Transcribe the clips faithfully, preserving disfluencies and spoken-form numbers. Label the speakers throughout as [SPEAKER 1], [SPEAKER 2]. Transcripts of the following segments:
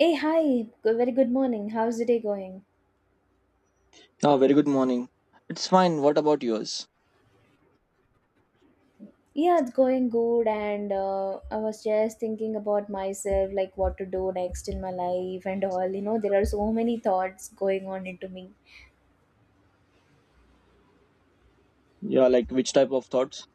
[SPEAKER 1] Hey, hi. Good- Very good morning. How's the day going?
[SPEAKER 2] Ah, very good morning. It's fine. What about yours?
[SPEAKER 1] Yeah, it's going good. And uh, I was just thinking about myself, like what to do next in my life and all. You know, there are so many thoughts going on into me.
[SPEAKER 2] Yeah, like which type of thoughts?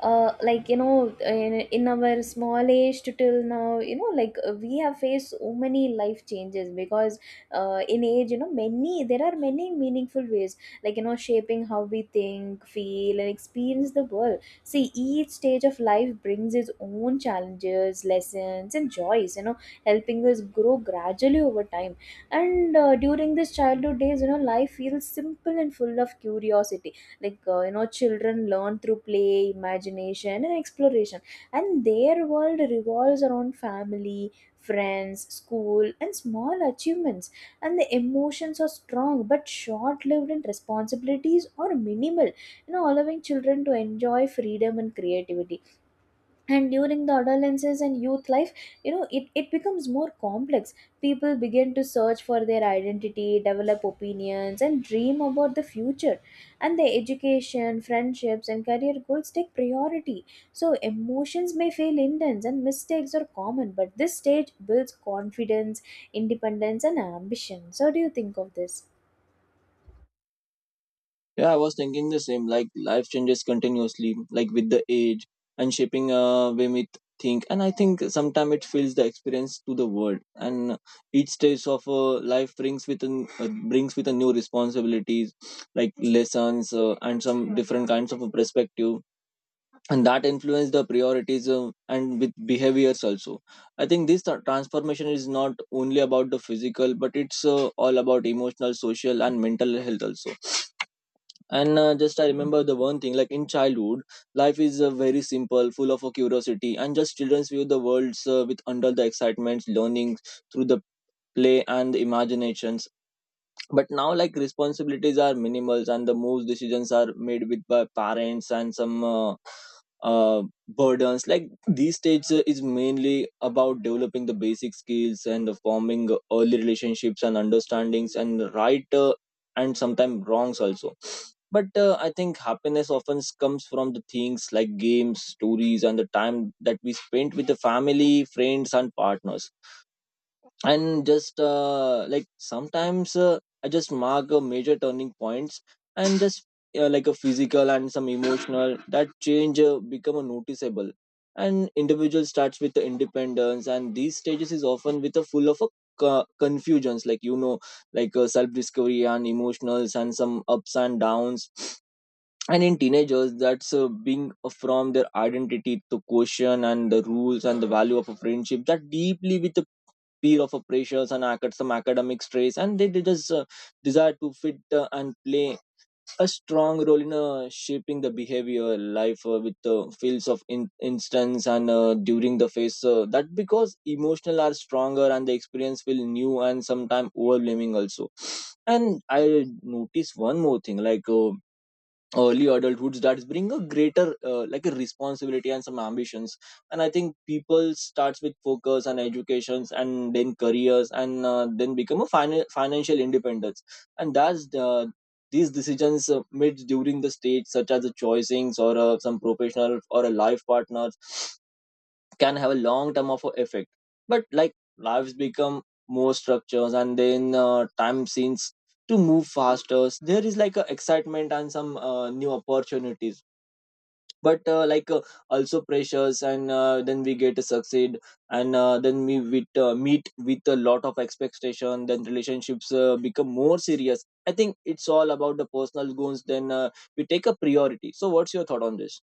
[SPEAKER 1] uh, Like you know in, in our small age to till now, you know like uh, we have faced so many life changes. Because uh, in age, you know many there are many meaningful ways, like you know shaping how we think, feel, and experience the world. See, each stage of life brings its own challenges, lessons, and joys you know helping us grow gradually over time. And uh, during this childhood days, you know life feels simple and full of curiosity. Like uh, you know children learn through play, imagination, and exploration, and their world revolves around family, friends, school, and small achievements. And the emotions are strong but short lived, and responsibilities are minimal, you know allowing children to enjoy freedom and creativity. And during the adolescence and youth life, you know it, it becomes more complex. People begin to search for their identity, develop opinions, and dream about the future, and their education, friendships, and career goals take priority. So emotions may feel intense and mistakes are common, but this stage builds confidence, independence, and ambition. So what do you think of this?
[SPEAKER 2] Yeah, I was thinking the same. Like life changes continuously, like with the age and shaping uh way we think. And I think sometimes it fills the experience to the world. And each stage of uh, life brings with an, uh, brings with a new responsibilities, like lessons uh, and some different kinds of a perspective. And that influence the priorities, um, and with behaviors also. I think this tra- transformation is not only about the physical, but it's uh, all about emotional, social and mental health also. And uh, just I remember the one thing, like in childhood life is uh, very simple, full of uh, curiosity, and just children's view the worlds uh, with under the excitements, learning through the play and the imaginations. But now, like, responsibilities are minimal, and the most decisions are made with by parents and some uh, uh, burdens. Like these stages uh, is mainly about developing the basic skills and the forming early relationships and understandings and right, uh, and sometimes wrongs also. But uh, I think happiness often comes from the things like games, stories and the time that we spent with the family, friends and partners. And just, uh, like sometimes, uh, I just mark a major turning points. And just, uh, like a physical and some emotional that change uh, become a noticeable, and individual starts with the independence, and these stages is often with a full of a co- confusions, like, you know, like, uh, self discovery and emotionals and some ups and downs. And in teenagers, that's uh, being from their identity to question and the rules and the value of a friendship that deeply with the fear of uh, pressures and acad- some academic stress, and they, they just, uh, desire to fit uh, and play a strong role in uh, shaping the behavior life uh, with uh, fields of in- instance. And uh, during the phase, uh, that because emotional are stronger and the experience will new and sometimes overwhelming also. And I notice one more thing, like, uh, early adulthoods that bring a greater, uh, like a responsibility and some ambitions. And I think people starts with focus and educations and then careers, and uh, then become a fin- financial independence. And that's the, these decisions uh, made during the stage, such as the choicings or uh, some professional or a life partners, can have a long term of a effect. But, like, lives become more structures, and then, uh, time seems to move faster. There is like a excitement and some, uh, new opportunities, but, uh, like uh, also pressures, and uh, then we get to succeed, and uh, then we with, uh, meet with a lot of expectation. Then relationships uh, become more serious. I think it's all about the personal goals, then, uh, we take a priority. So what's your thought on this?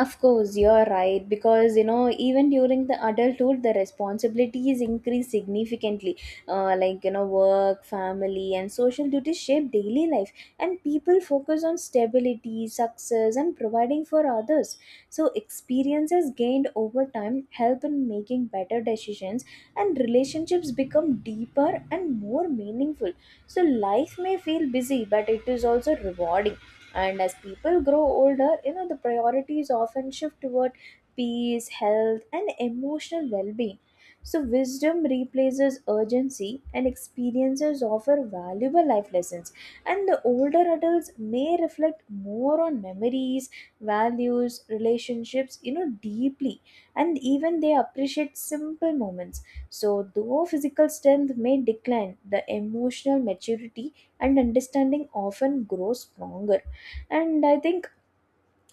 [SPEAKER 1] Of course, you're right, because you know even during the adulthood, the responsibilities increase significantly. Uh, like you know, work, family, and social duties shape daily life, and people focus on stability, success, and providing for others. So experiences gained over time help in making better decisions, and relationships become deeper and more meaningful. So life may feel busy, but it is also rewarding. And as people grow older, you know the priorities often shift toward peace, health, and emotional well-being. So wisdom replaces urgency, and experiences offer valuable life lessons. And the older adults may reflect more on memories, values, relationships you know deeply, and even they appreciate simple moments. So though physical strength may decline, the emotional maturity and understanding often grows stronger. And I think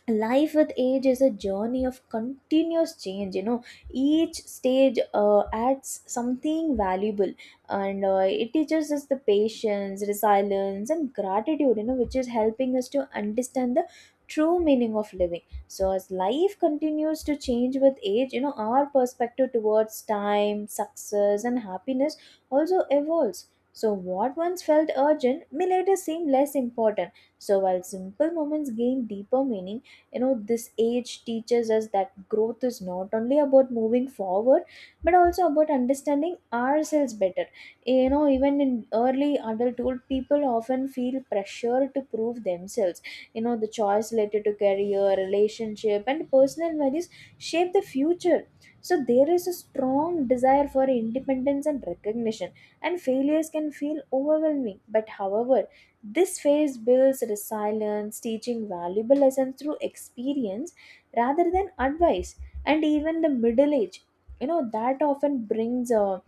[SPEAKER 1] life with age is a journey of continuous change. You know each stage uh, adds something valuable, and uh, it teaches us the patience, resilience, and gratitude, you know which is helping us to understand the true meaning of living. So as life continues to change with age, you know our perspective towards time, success, and happiness also evolves. So what once felt urgent may later seem less important. So while simple moments gain deeper meaning, you know this age teaches us that growth is not only about moving forward, but also about understanding ourselves better. You know even in early adulthood, people often feel pressure to prove themselves. You know the choice related to career, relationship, and personal values shape the future. So there is a strong desire for independence and recognition, and failures can feel overwhelming. But however, this phase builds resilience, teaching valuable lessons through experience rather than advice. And even the middle age, you know, that often brings uh,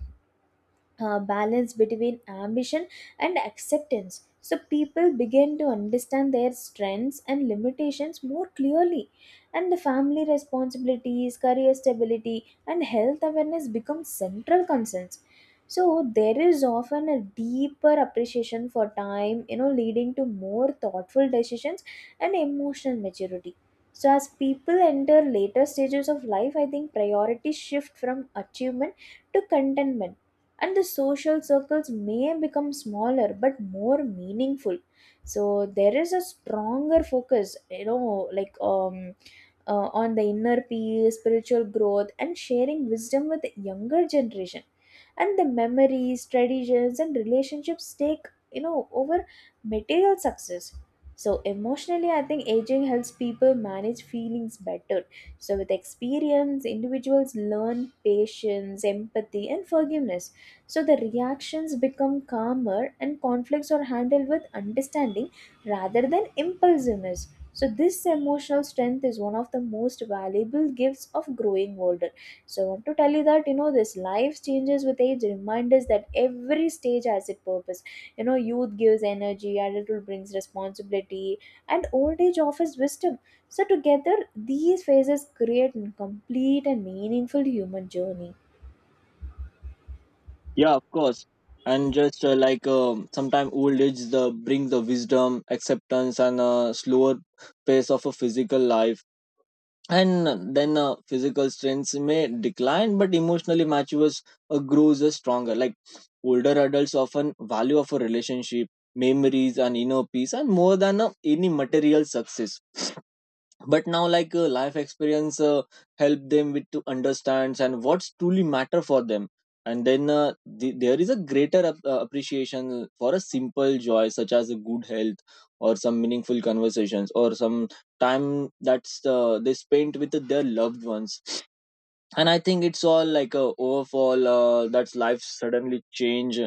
[SPEAKER 1] uh, balance between ambition and acceptance. So people begin to understand their strengths and limitations more clearly, and the family responsibilities, career stability, and health awareness become central concerns. So there is often a deeper appreciation for time, you know, leading to more thoughtful decisions and emotional maturity. So as people enter later stages of life, I think priorities shift from achievement to contentment, and the social circles may become smaller but more meaningful. So there is a stronger focus, you know like um uh, on the inner peace, spiritual growth, and sharing wisdom with the younger generation. And the memories, traditions, and relationships take you know over material success. So emotionally, I think aging helps people manage feelings better. So with experience, individuals learn patience, empathy, and forgiveness. So the reactions become calmer, and conflicts are handled with understanding rather than impulsiveness. So this emotional strength is one of the most valuable gifts of growing older. So I want to tell you that you know this life changes with age. Remind us that every stage has its purpose. You know, youth gives energy, adulthood brings responsibility, and old age offers wisdom. So together, these phases create a complete and meaningful human journey.
[SPEAKER 2] Yeah, of course. And just, uh, like um, sometimes old age the bring the wisdom, acceptance, and a slower pace of a physical life. And then, uh, physical strength may decline, but emotionally matures uh, grows uh, stronger. Like older adults often value of a relationship, memories, and inner peace, and more than uh, any material success. But now, like, uh, life experience uh, help them with to understand and what's truly matter for them. And then, uh, the, there is a greater ap- uh, appreciation for a simple joy, such as a good health or some meaningful conversations or some time that's uh, they spent with their loved ones. And I think it's all like a overfall, uh, that's life suddenly change,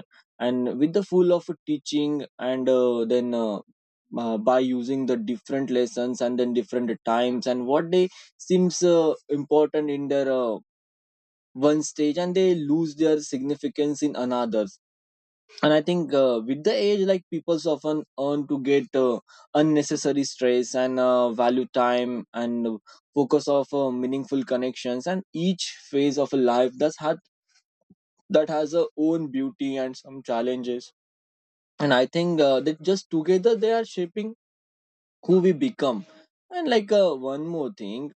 [SPEAKER 2] and with the full of teaching, and uh, then uh, uh, by using the different lessons and then different times, and what they seems uh, important in their, uh, one stage, and they lose their significance in another. And I think, uh, with the age, like, people's often earn to get, uh, unnecessary stress, and uh, value time, and uh, focus of uh, meaningful connections, and each phase of a life that's had, that has a own beauty and some challenges. And I think, uh, that just together they are shaping who we become. And, like, uh, one more thing,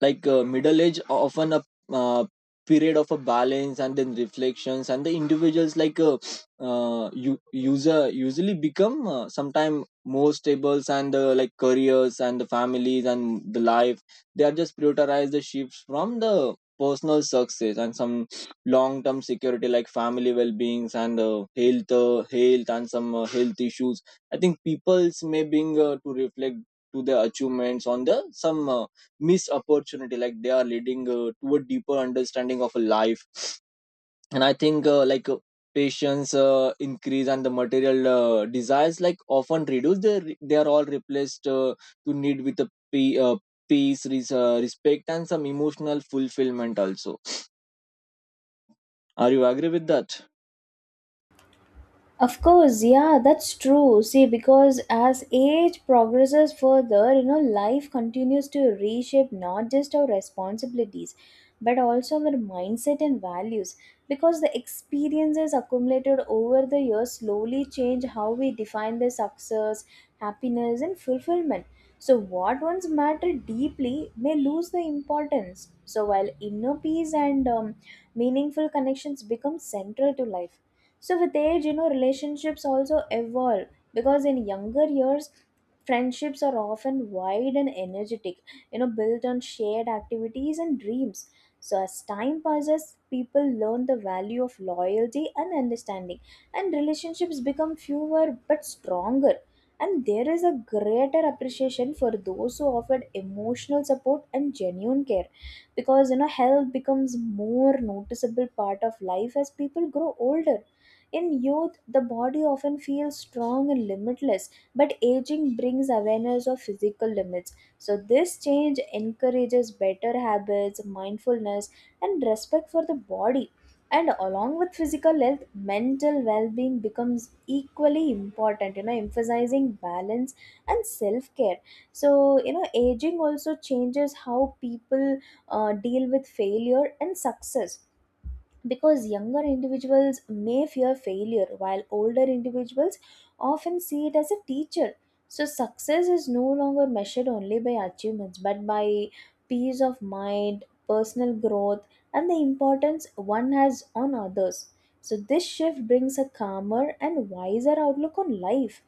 [SPEAKER 2] like, uh, middle age often a, uh, period of a balance and then reflections. And the individuals, like, uh, uh, u- user usually become, uh, sometime more stable, and uh, like careers and the families and the life, they are just prioritize the shifts from the personal success and some long term security, like family well beings and, uh, health uh, health and some, uh, health issues. I think people's may being, uh, to reflect to their achievements on the some, uh, miss opportunity, like they are leading, uh, to a deeper understanding of life. And I think, uh, like uh, patience uh, increase, and the material uh, desires like often reduce. They they are all replaced, uh, to need with a pe- uh, peace, res- uh, respect and some emotional fulfillment also. Are you agree with that?
[SPEAKER 1] Of course, yeah, that's true. See, because as age progresses further, you know, life continues to reshape not just our responsibilities, but also our mindset and values. Because the experiences accumulated over the years slowly change how we define the success, happiness, and fulfillment. So, what once mattered deeply may lose the importance. So, while inner peace and um, meaningful connections become central to life. So with age, you know, relationships also evolve. Because in younger years, friendships are often wide and energetic, you know, built on shared activities and dreams. So as time passes, people learn the value of loyalty and understanding, and relationships become fewer but stronger. And there is a greater appreciation for those who offered emotional support and genuine care, because you know health becomes more noticeable part of life as people grow older. In youth, the body often feels strong and limitless, but aging brings awareness of physical limits. So, this change encourages better habits, mindfulness, and respect for the body. And along with physical health, mental well being becomes equally important, you know, emphasizing balance and self care. So, you know, aging also changes how people uh, deal with failure and success, because younger individuals may fear failure while older individuals often see it as a teacher. So success is no longer measured only by achievements, but by peace of mind, personal growth, and the importance one has on others. So this shift brings a calmer and wiser outlook on life.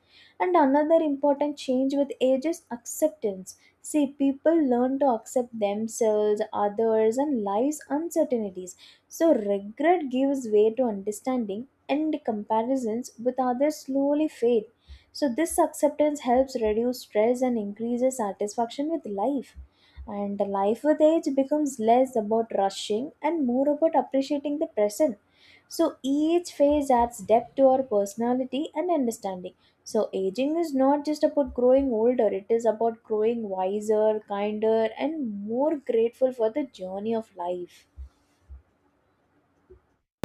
[SPEAKER 1] And another important change with age is acceptance. See, people learn to accept themselves, others, and life's uncertainties. So, regret gives way to understanding, and comparisons with others slowly fade. So, this acceptance helps reduce stress and increases satisfaction with life. And life with age becomes less about rushing and more about appreciating the present. So, each phase adds depth to our personality and understanding. So, aging is not just about growing older, it is about growing wiser, kinder, and more grateful for the journey of life.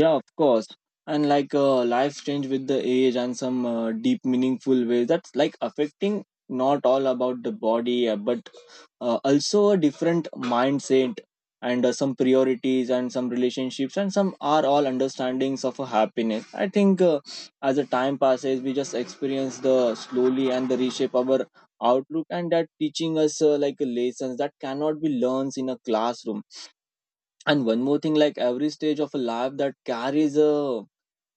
[SPEAKER 2] Yeah, of course. And, like, uh, life change with the age and some, uh, deep meaningful ways, that's like affecting not all about the body, uh, but uh, also a different mindset, and uh, some priorities and some relationships and some are all understandings of a happiness. I think, uh, as the time passes we just experience the slowly and the reshape our outlook, and that teaching us, uh, like lessons that cannot be learned in a classroom. And one more thing, like, every stage of a life that carries a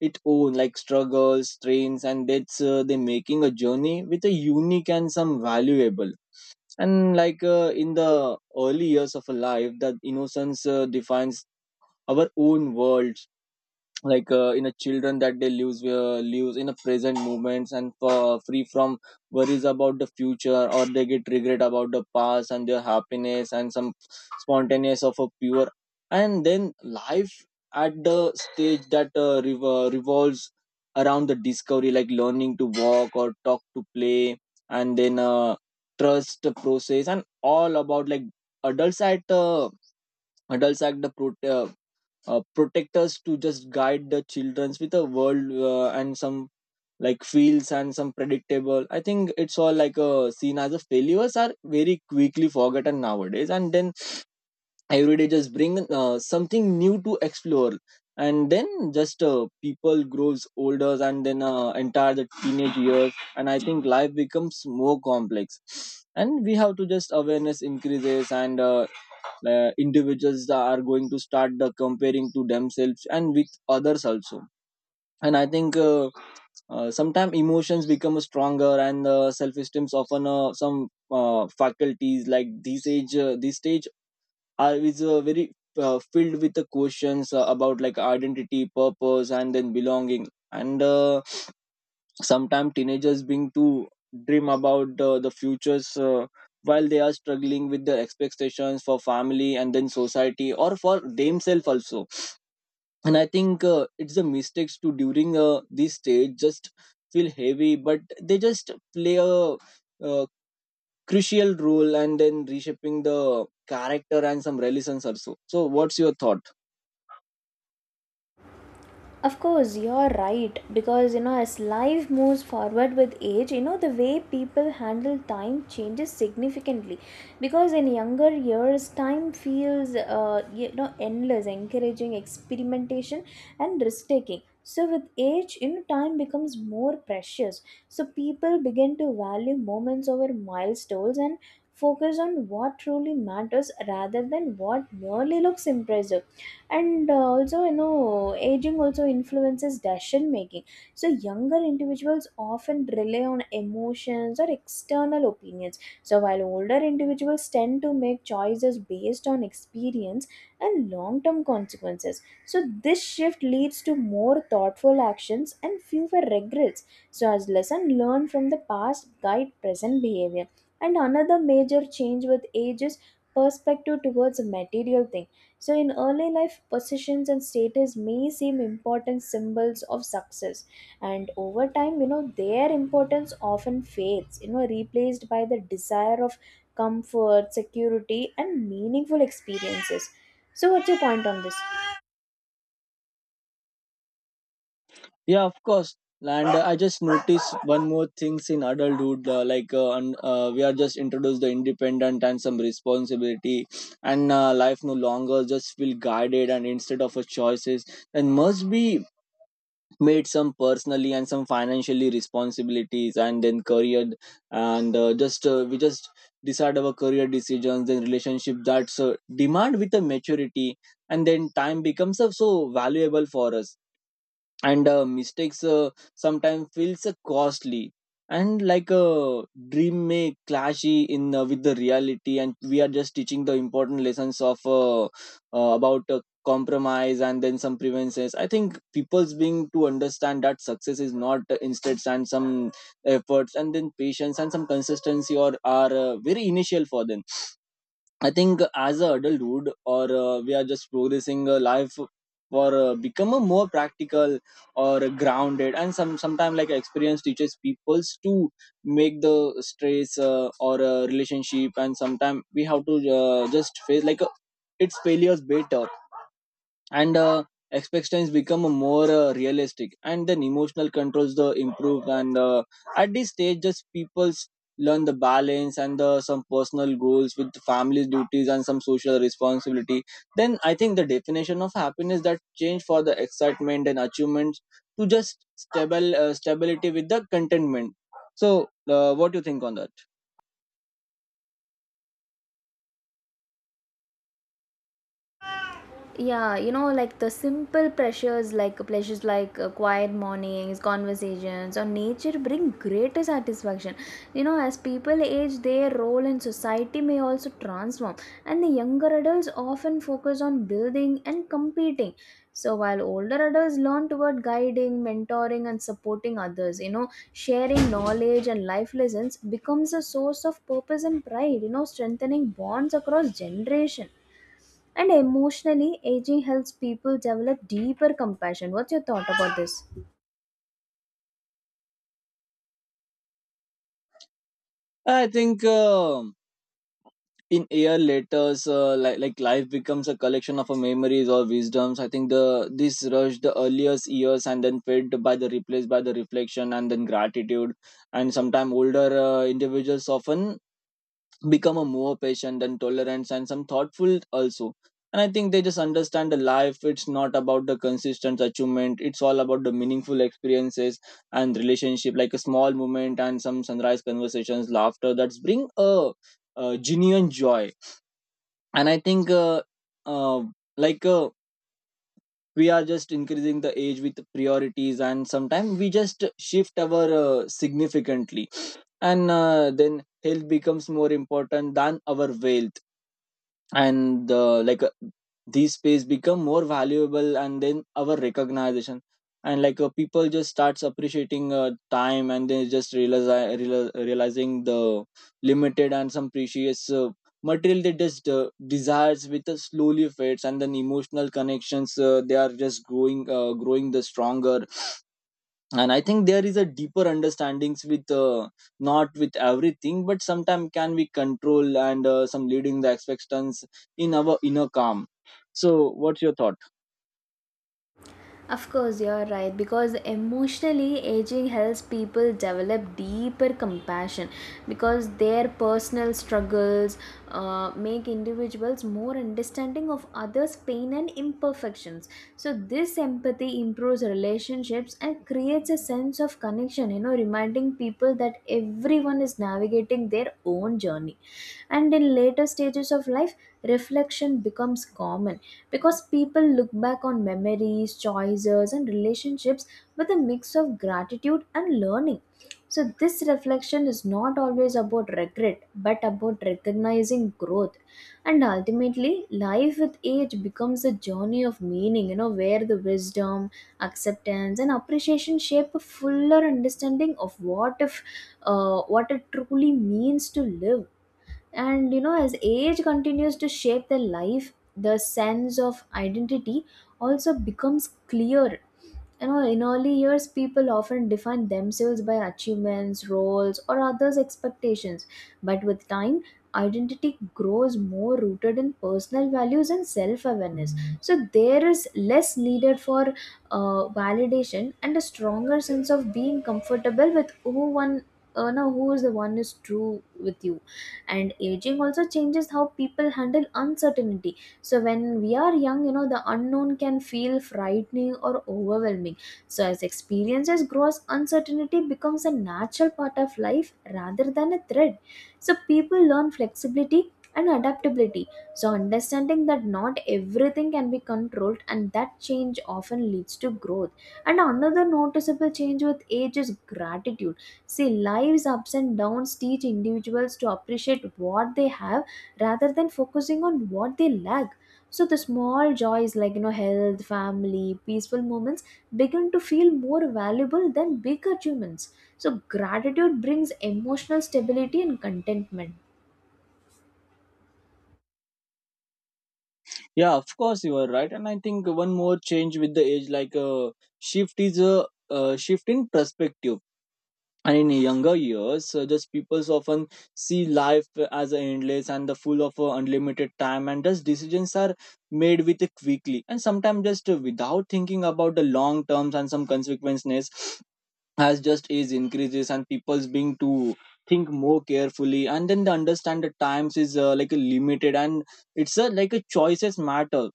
[SPEAKER 2] its own like struggles, strains, and that's, uh, they making a journey with a unique and some valuable. And like, uh, in the early years of a life, that innocence uh, defines our own world. Like, uh, in a children, that they lives uh, lives in a present moments, and uh, free from worries about the future, or they get regret about the past, and their happiness and some spontaneous of a pure. And then life at the stage that, uh, rev- revolves around the discovery, like learning to walk or talk to play, and then, uh, trust the process, and all about like adults at uh, adults at the pro- uh, uh, protectors to just guide the childrens with a world, uh, and some like fields and some predictable. I think it's all like a seen as a failures are very quickly forgotten nowadays, and then every day just bring uh, something new to explore. And then just, uh, people grows older, and then, uh, entire the teenage years. And I think life becomes more complex, and we have to just awareness increases, and uh, uh, individuals that are going to start, uh, comparing to themselves and with others also. And I think, uh, uh, sometimes emotions become stronger, and uh, self-esteem often, uh, some uh, faculties. Like this age, uh, this stage are is, uh, very, uh, filled with the questions, uh, about like identity, purpose and then belonging. And, uh, sometimes teenagers being to dream about, uh, the futures, uh, while they are struggling with the expectations for family and then society or for themselves also. And I think, uh, it's the mistakes to during, uh, this stage just feel heavy, but they just play a, uh, crucial role and then reshaping the character and some relations also. So what's your thought?
[SPEAKER 1] Of course, you're right, because you know, as life moves forward with age, you know, the way people handle time changes significantly. Because in younger years, time feels uh, you know endless, encouraging experimentation and risk taking. So with age, you know, time becomes more precious. So people begin to value moments over milestones, and focus on what truly matters rather than what merely looks impressive. And uh, also, you know, aging also influences decision making. So younger individuals often rely on emotions or external opinions. So while older individuals tend to make choices based on experience and long-term consequences. So this shift leads to more thoughtful actions and fewer regrets. So as lesson learned from the past guide present behavior. And another major change with age is perspective towards a material thing. So in early life, positions and status may seem important symbols of success, and over time, you know, their importance often fades, You know, replaced by the desire of comfort, security, and meaningful experiences. So, what's your point on this?
[SPEAKER 2] Yeah, of course. And uh, I just noticed one more things in adulthood, uh, like uh, and, uh, we are just introduced the independent and some responsibility, and uh, life no longer just feel guided and instead of a choices and must be made some personally and some financially responsibilities and then career and uh, just uh, we just decide our career decisions then relationship that's uh, demand with a maturity and then time becomes uh, so valuable for us and uh, mistakes uh, sometimes feels uh, costly and like a dream may clash in uh, with the reality, and we are just teaching the important lessons of uh, uh, about uh, compromise and then some preventions. I think people's being to understand that success is not uh, instant, and some efforts and then patience and some consistency or are uh, very initial for them. I think as a adulthood or uh, we are just progressing uh, life for uh, become a more practical or grounded, and some sometimes like experience teaches peoples to make the stress uh, or uh, relationship. And sometimes we have to uh, just face like uh, its failures better, and uh, expectations become more uh, realistic, and then emotional controls the improve, and uh, at this stage just people's learn the balance and the some personal goals with family duties and some social responsibility. Then I think the definition of happiness that change for the excitement and achievements to just stable uh, stability with the contentment. So uh, what do you think on that?
[SPEAKER 1] Yeah, you know like the simple pleasures like pleasures like uh, quiet mornings, conversations, or nature bring greater satisfaction. You know as people age, their role in society may also transform, and the younger adults often focus on building and competing. So while older adults learn toward guiding, mentoring, and supporting others, you know sharing knowledge and life lessons becomes a source of purpose and pride, you know strengthening bonds across generation. And emotionally, aging helps people develop deeper compassion. What's your thought about this?
[SPEAKER 2] I think um in year letters uh, like like life becomes a collection of uh, memories or wisdoms. I think the this rush the earliest years and then fed by the replaced by the reflection and then gratitude. And sometimes older uh, individuals often become a more patient and tolerant and some thoughtful also. And I think they just understand the life, it's not about the consistent achievement, it's all about the meaningful experiences and relationship, like a small moment and some sunrise conversations laughter that's bring a, a genuine joy. And I think uh, uh, like uh, we are just increasing the age with priorities, and sometimes we just shift our uh, significantly, and uh, then health becomes more important than our wealth, and uh, like uh, these space become more valuable and then our recognition. And like uh, people just starts appreciating uh, time, and they just realize, realize realizing the limited and some precious uh, material. They just uh, desires with uh, slowly fades, and then emotional connections uh, they are just growing uh, growing the stronger. And I think there is a deeper understandings with uh, not with everything, but sometimes can we control, and uh, some leading the expectations in our inner calm. So what's your thought?
[SPEAKER 1] Of course, you're right, because emotionally aging helps people develop deeper compassion, because their personal struggles uh, make individuals more understanding of others' pain and imperfections. So, this empathy improves relationships and creates a sense of connection, you know, reminding people that everyone is navigating their own journey. And in later stages of life, reflection becomes common, because people look back on memories, choices, and relationships with a mix of gratitude and learning. So, this reflection is not always about regret, but about recognizing growth. And ultimately, life with age becomes a journey of meaning, you know, where the wisdom, acceptance, and appreciation shape a fuller understanding of what if uh, what it truly means to live. And you know as age continues to shape their life, the sense of identity also becomes clear. You know, in early years, people often define themselves by achievements, roles, or others' expectations. But with time, identity grows more rooted in personal values and self awareness. So, there is less needed for uh, validation, and a stronger sense of being comfortable with who one. Uh, no, who is the one is true with you. And aging also changes how people handle uncertainty, so when we are young, you know, the unknown can feel frightening or overwhelming. So as experiences grows, uncertainty becomes a natural part of life rather than a threat. So people learn flexibility and adaptability, so understanding that not everything can be controlled and that change often leads to growth. And another noticeable change with age is gratitude. See, life's ups and downs teach individuals to appreciate what they have rather than focusing on what they lack. So, the small joys like you know, health, family, peaceful moments begin to feel more valuable than big achievements. So, gratitude brings emotional stability and contentment.
[SPEAKER 2] Yeah, of course, you are right. And I think one more change with the age, like uh, shift is a uh, shift in perspective. And in younger years, uh, just people often see life as endless and the full of uh, unlimited time, and thus decisions are made with quickly, and sometimes just uh, without thinking about the long terms and some consequences. As just age increases and people's being to think more carefully, and then they understand the times is uh, like a limited, and it's uh, like a choices matter.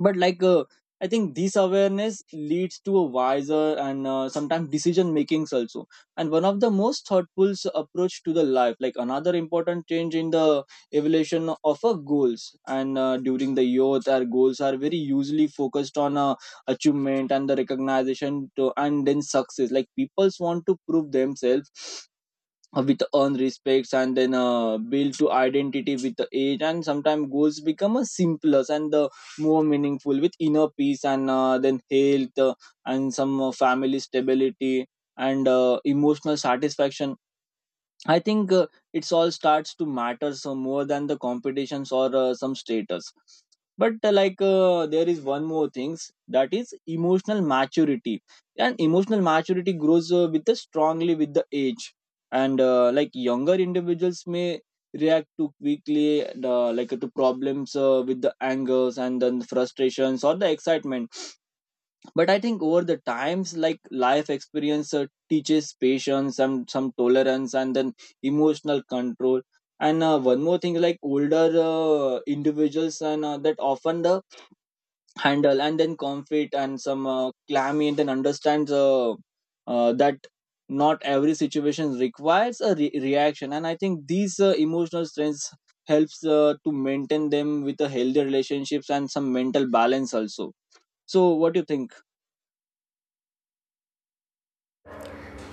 [SPEAKER 2] But like uh, I think this awareness leads to a wiser and uh, sometimes decision makings also. And one of the most thoughtful s- approach to the life, like another important change in the evolution of a goals, and uh, during the youth our goals are very usually focused on uh, achievement and the recognition to, and then success, like people's want to prove themselves uh, with earn respects and then uh, build to identity with the age. And sometimes goals become a simpler and the more meaningful, with inner peace and uh, then health, uh, and some uh, family stability and uh, emotional satisfaction. I think uh, it's all starts to matter so more than the competitions or uh, some status. But uh, like uh, there is one more things, that is emotional maturity, and emotional maturity grows uh, with the strongly with the age, and uh, like younger individuals may react too quickly, uh, like to problems uh, with the angers and then frustrations or the excitement. But I think over the times, like life experience uh, teaches patience and some tolerance and then emotional control. And uh, one more thing, like older uh, individuals and uh, that often the handle and then conflict and some uh, clammy and then understands uh, uh, that not every situation requires a re- reaction. And I think these uh, emotional strengths helps uh, to maintain them with a healthy relationships and some mental balance also. So what do you think?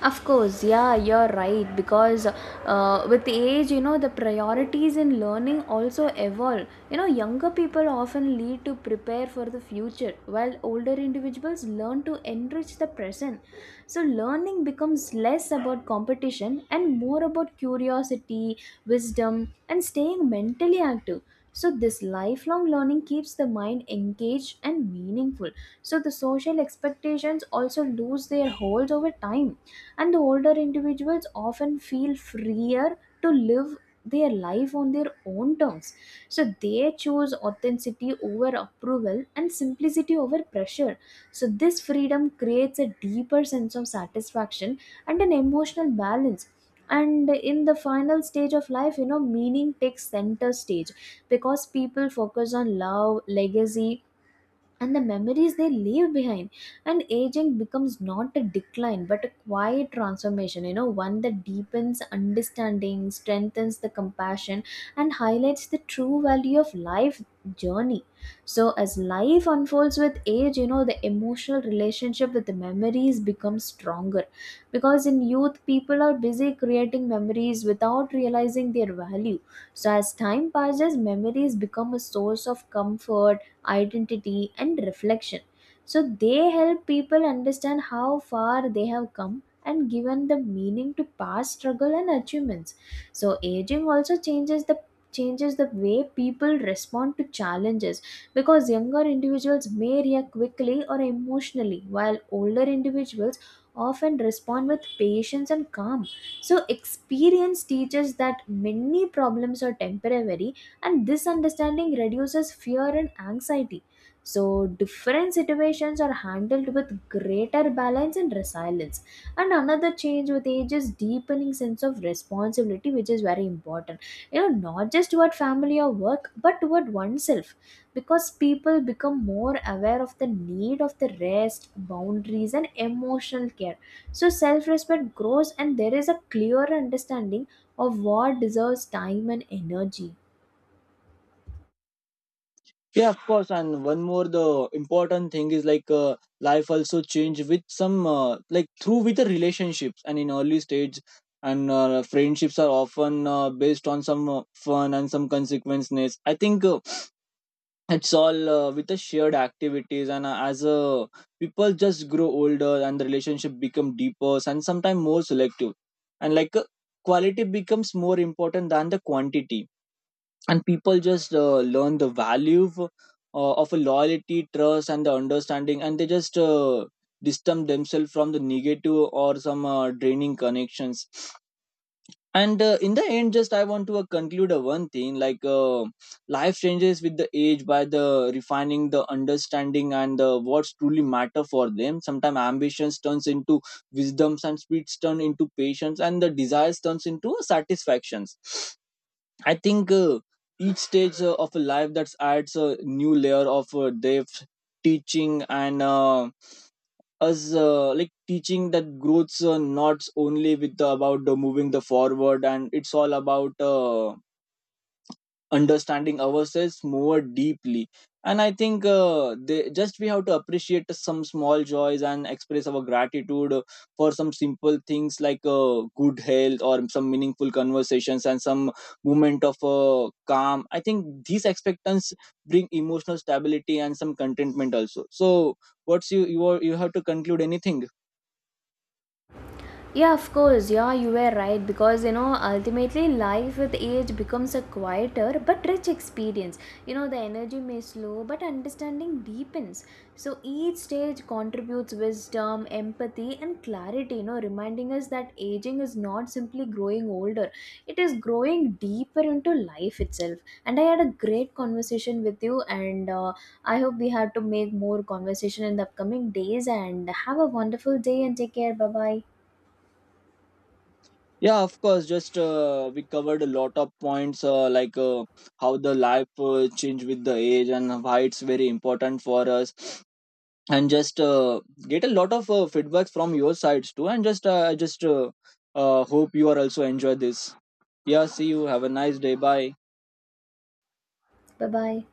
[SPEAKER 1] Of course, yeah, you're right. Because uh, with age, you know, the priorities in learning also evolve. You know, younger people often lead to prepare for the future, while older individuals learn to enrich the present. So, learning becomes less about competition and more about curiosity, wisdom, and staying mentally active. So, this lifelong learning keeps the mind engaged and meaningful. So, the social expectations also lose their hold over time, and the older individuals often feel freer to live their life on their own terms. So they choose authenticity over approval and simplicity over pressure. So this freedom creates a deeper sense of satisfaction and an emotional balance. And in the final stage of life, you know, meaning takes center stage, because people focus on love, legacy, and the memories they leave behind. And aging becomes not a decline but a quiet transformation, you know, one that deepens understanding, strengthens the compassion, and highlights the true value of life journey. So as life unfolds with age, you know, the emotional relationship with the memories becomes stronger, because in youth people are busy creating memories without realizing their value. So as time passes, memories become a source of comfort, identity, and reflection. So they help people understand how far they have come and given the meaning to past struggle and achievements. So aging also changes the changes the way people respond to challenges, because younger individuals may react quickly or emotionally while older individuals often respond with patience and calm. So experience teaches that many problems are temporary, and this understanding reduces fear and anxiety. So different situations are handled with greater balance and resilience. And another change with age is deepening sense of responsibility, which is very important, you know, not just toward family or work but toward oneself, because people become more aware of the need of the rest, boundaries, and emotional care. So self respect grows and there is a clear understanding of what deserves time and energy.
[SPEAKER 2] Yeah, of course. And one more, the important thing is like uh, life also change with some uh, like through with the relationships. And in early stage and uh, friendships are often uh, based on some uh, fun and some consequences. I think uh, it's all uh, with the shared activities, and uh, as uh, people just grow older and the relationship become deeper and sometimes more selective. And like uh, quality becomes more important than the quantity, and people just uh, learn the value of, uh, of a loyalty trust and the understanding, and they just uh, distance themselves from the negative or some uh, draining connections. And uh, in the end just I want to uh, conclude uh, one thing, like uh, life changes with the age by the refining the understanding and uh, what's truly matter for them. Sometimes ambitions turns into wisdoms, and speeds turn into patience, and the desires turns into satisfactions. I think uh, each stage uh, of a life that adds a new layer of uh, depth, teaching, and uh, us uh, like teaching that growth's uh, not only with the, about the moving the forward, and it's all about uh, understanding ourselves more deeply. And I think uh, they just we have to appreciate some small joys and express our gratitude uh, for some simple things, like uh, good health or some meaningful conversations and some moment of uh, calm. I think these expectations bring emotional stability and some contentment also. So what's you you, are, you have to conclude anything?
[SPEAKER 1] Yeah, of course. Yeah, you were right, because you know ultimately life with age becomes a quieter but rich experience. You know the energy may slow but understanding deepens. So each stage contributes wisdom, empathy, and clarity, you know, reminding us that aging is not simply growing older. It is growing deeper into life itself. And I had a great conversation with you, and uh, I hope we had to make more conversation in the upcoming days and have a wonderful day and take care. Bye-bye.
[SPEAKER 2] Yeah, of course. Just uh, We covered a lot of points, uh, like uh, how the life uh, change with the age and why it's very important for us. And just uh, get a lot of uh, feedbacks from your sides too. And just uh, I just uh, uh, hope you are also enjoy this. Yeah, see you. Have a nice day. Bye.
[SPEAKER 1] Bye bye.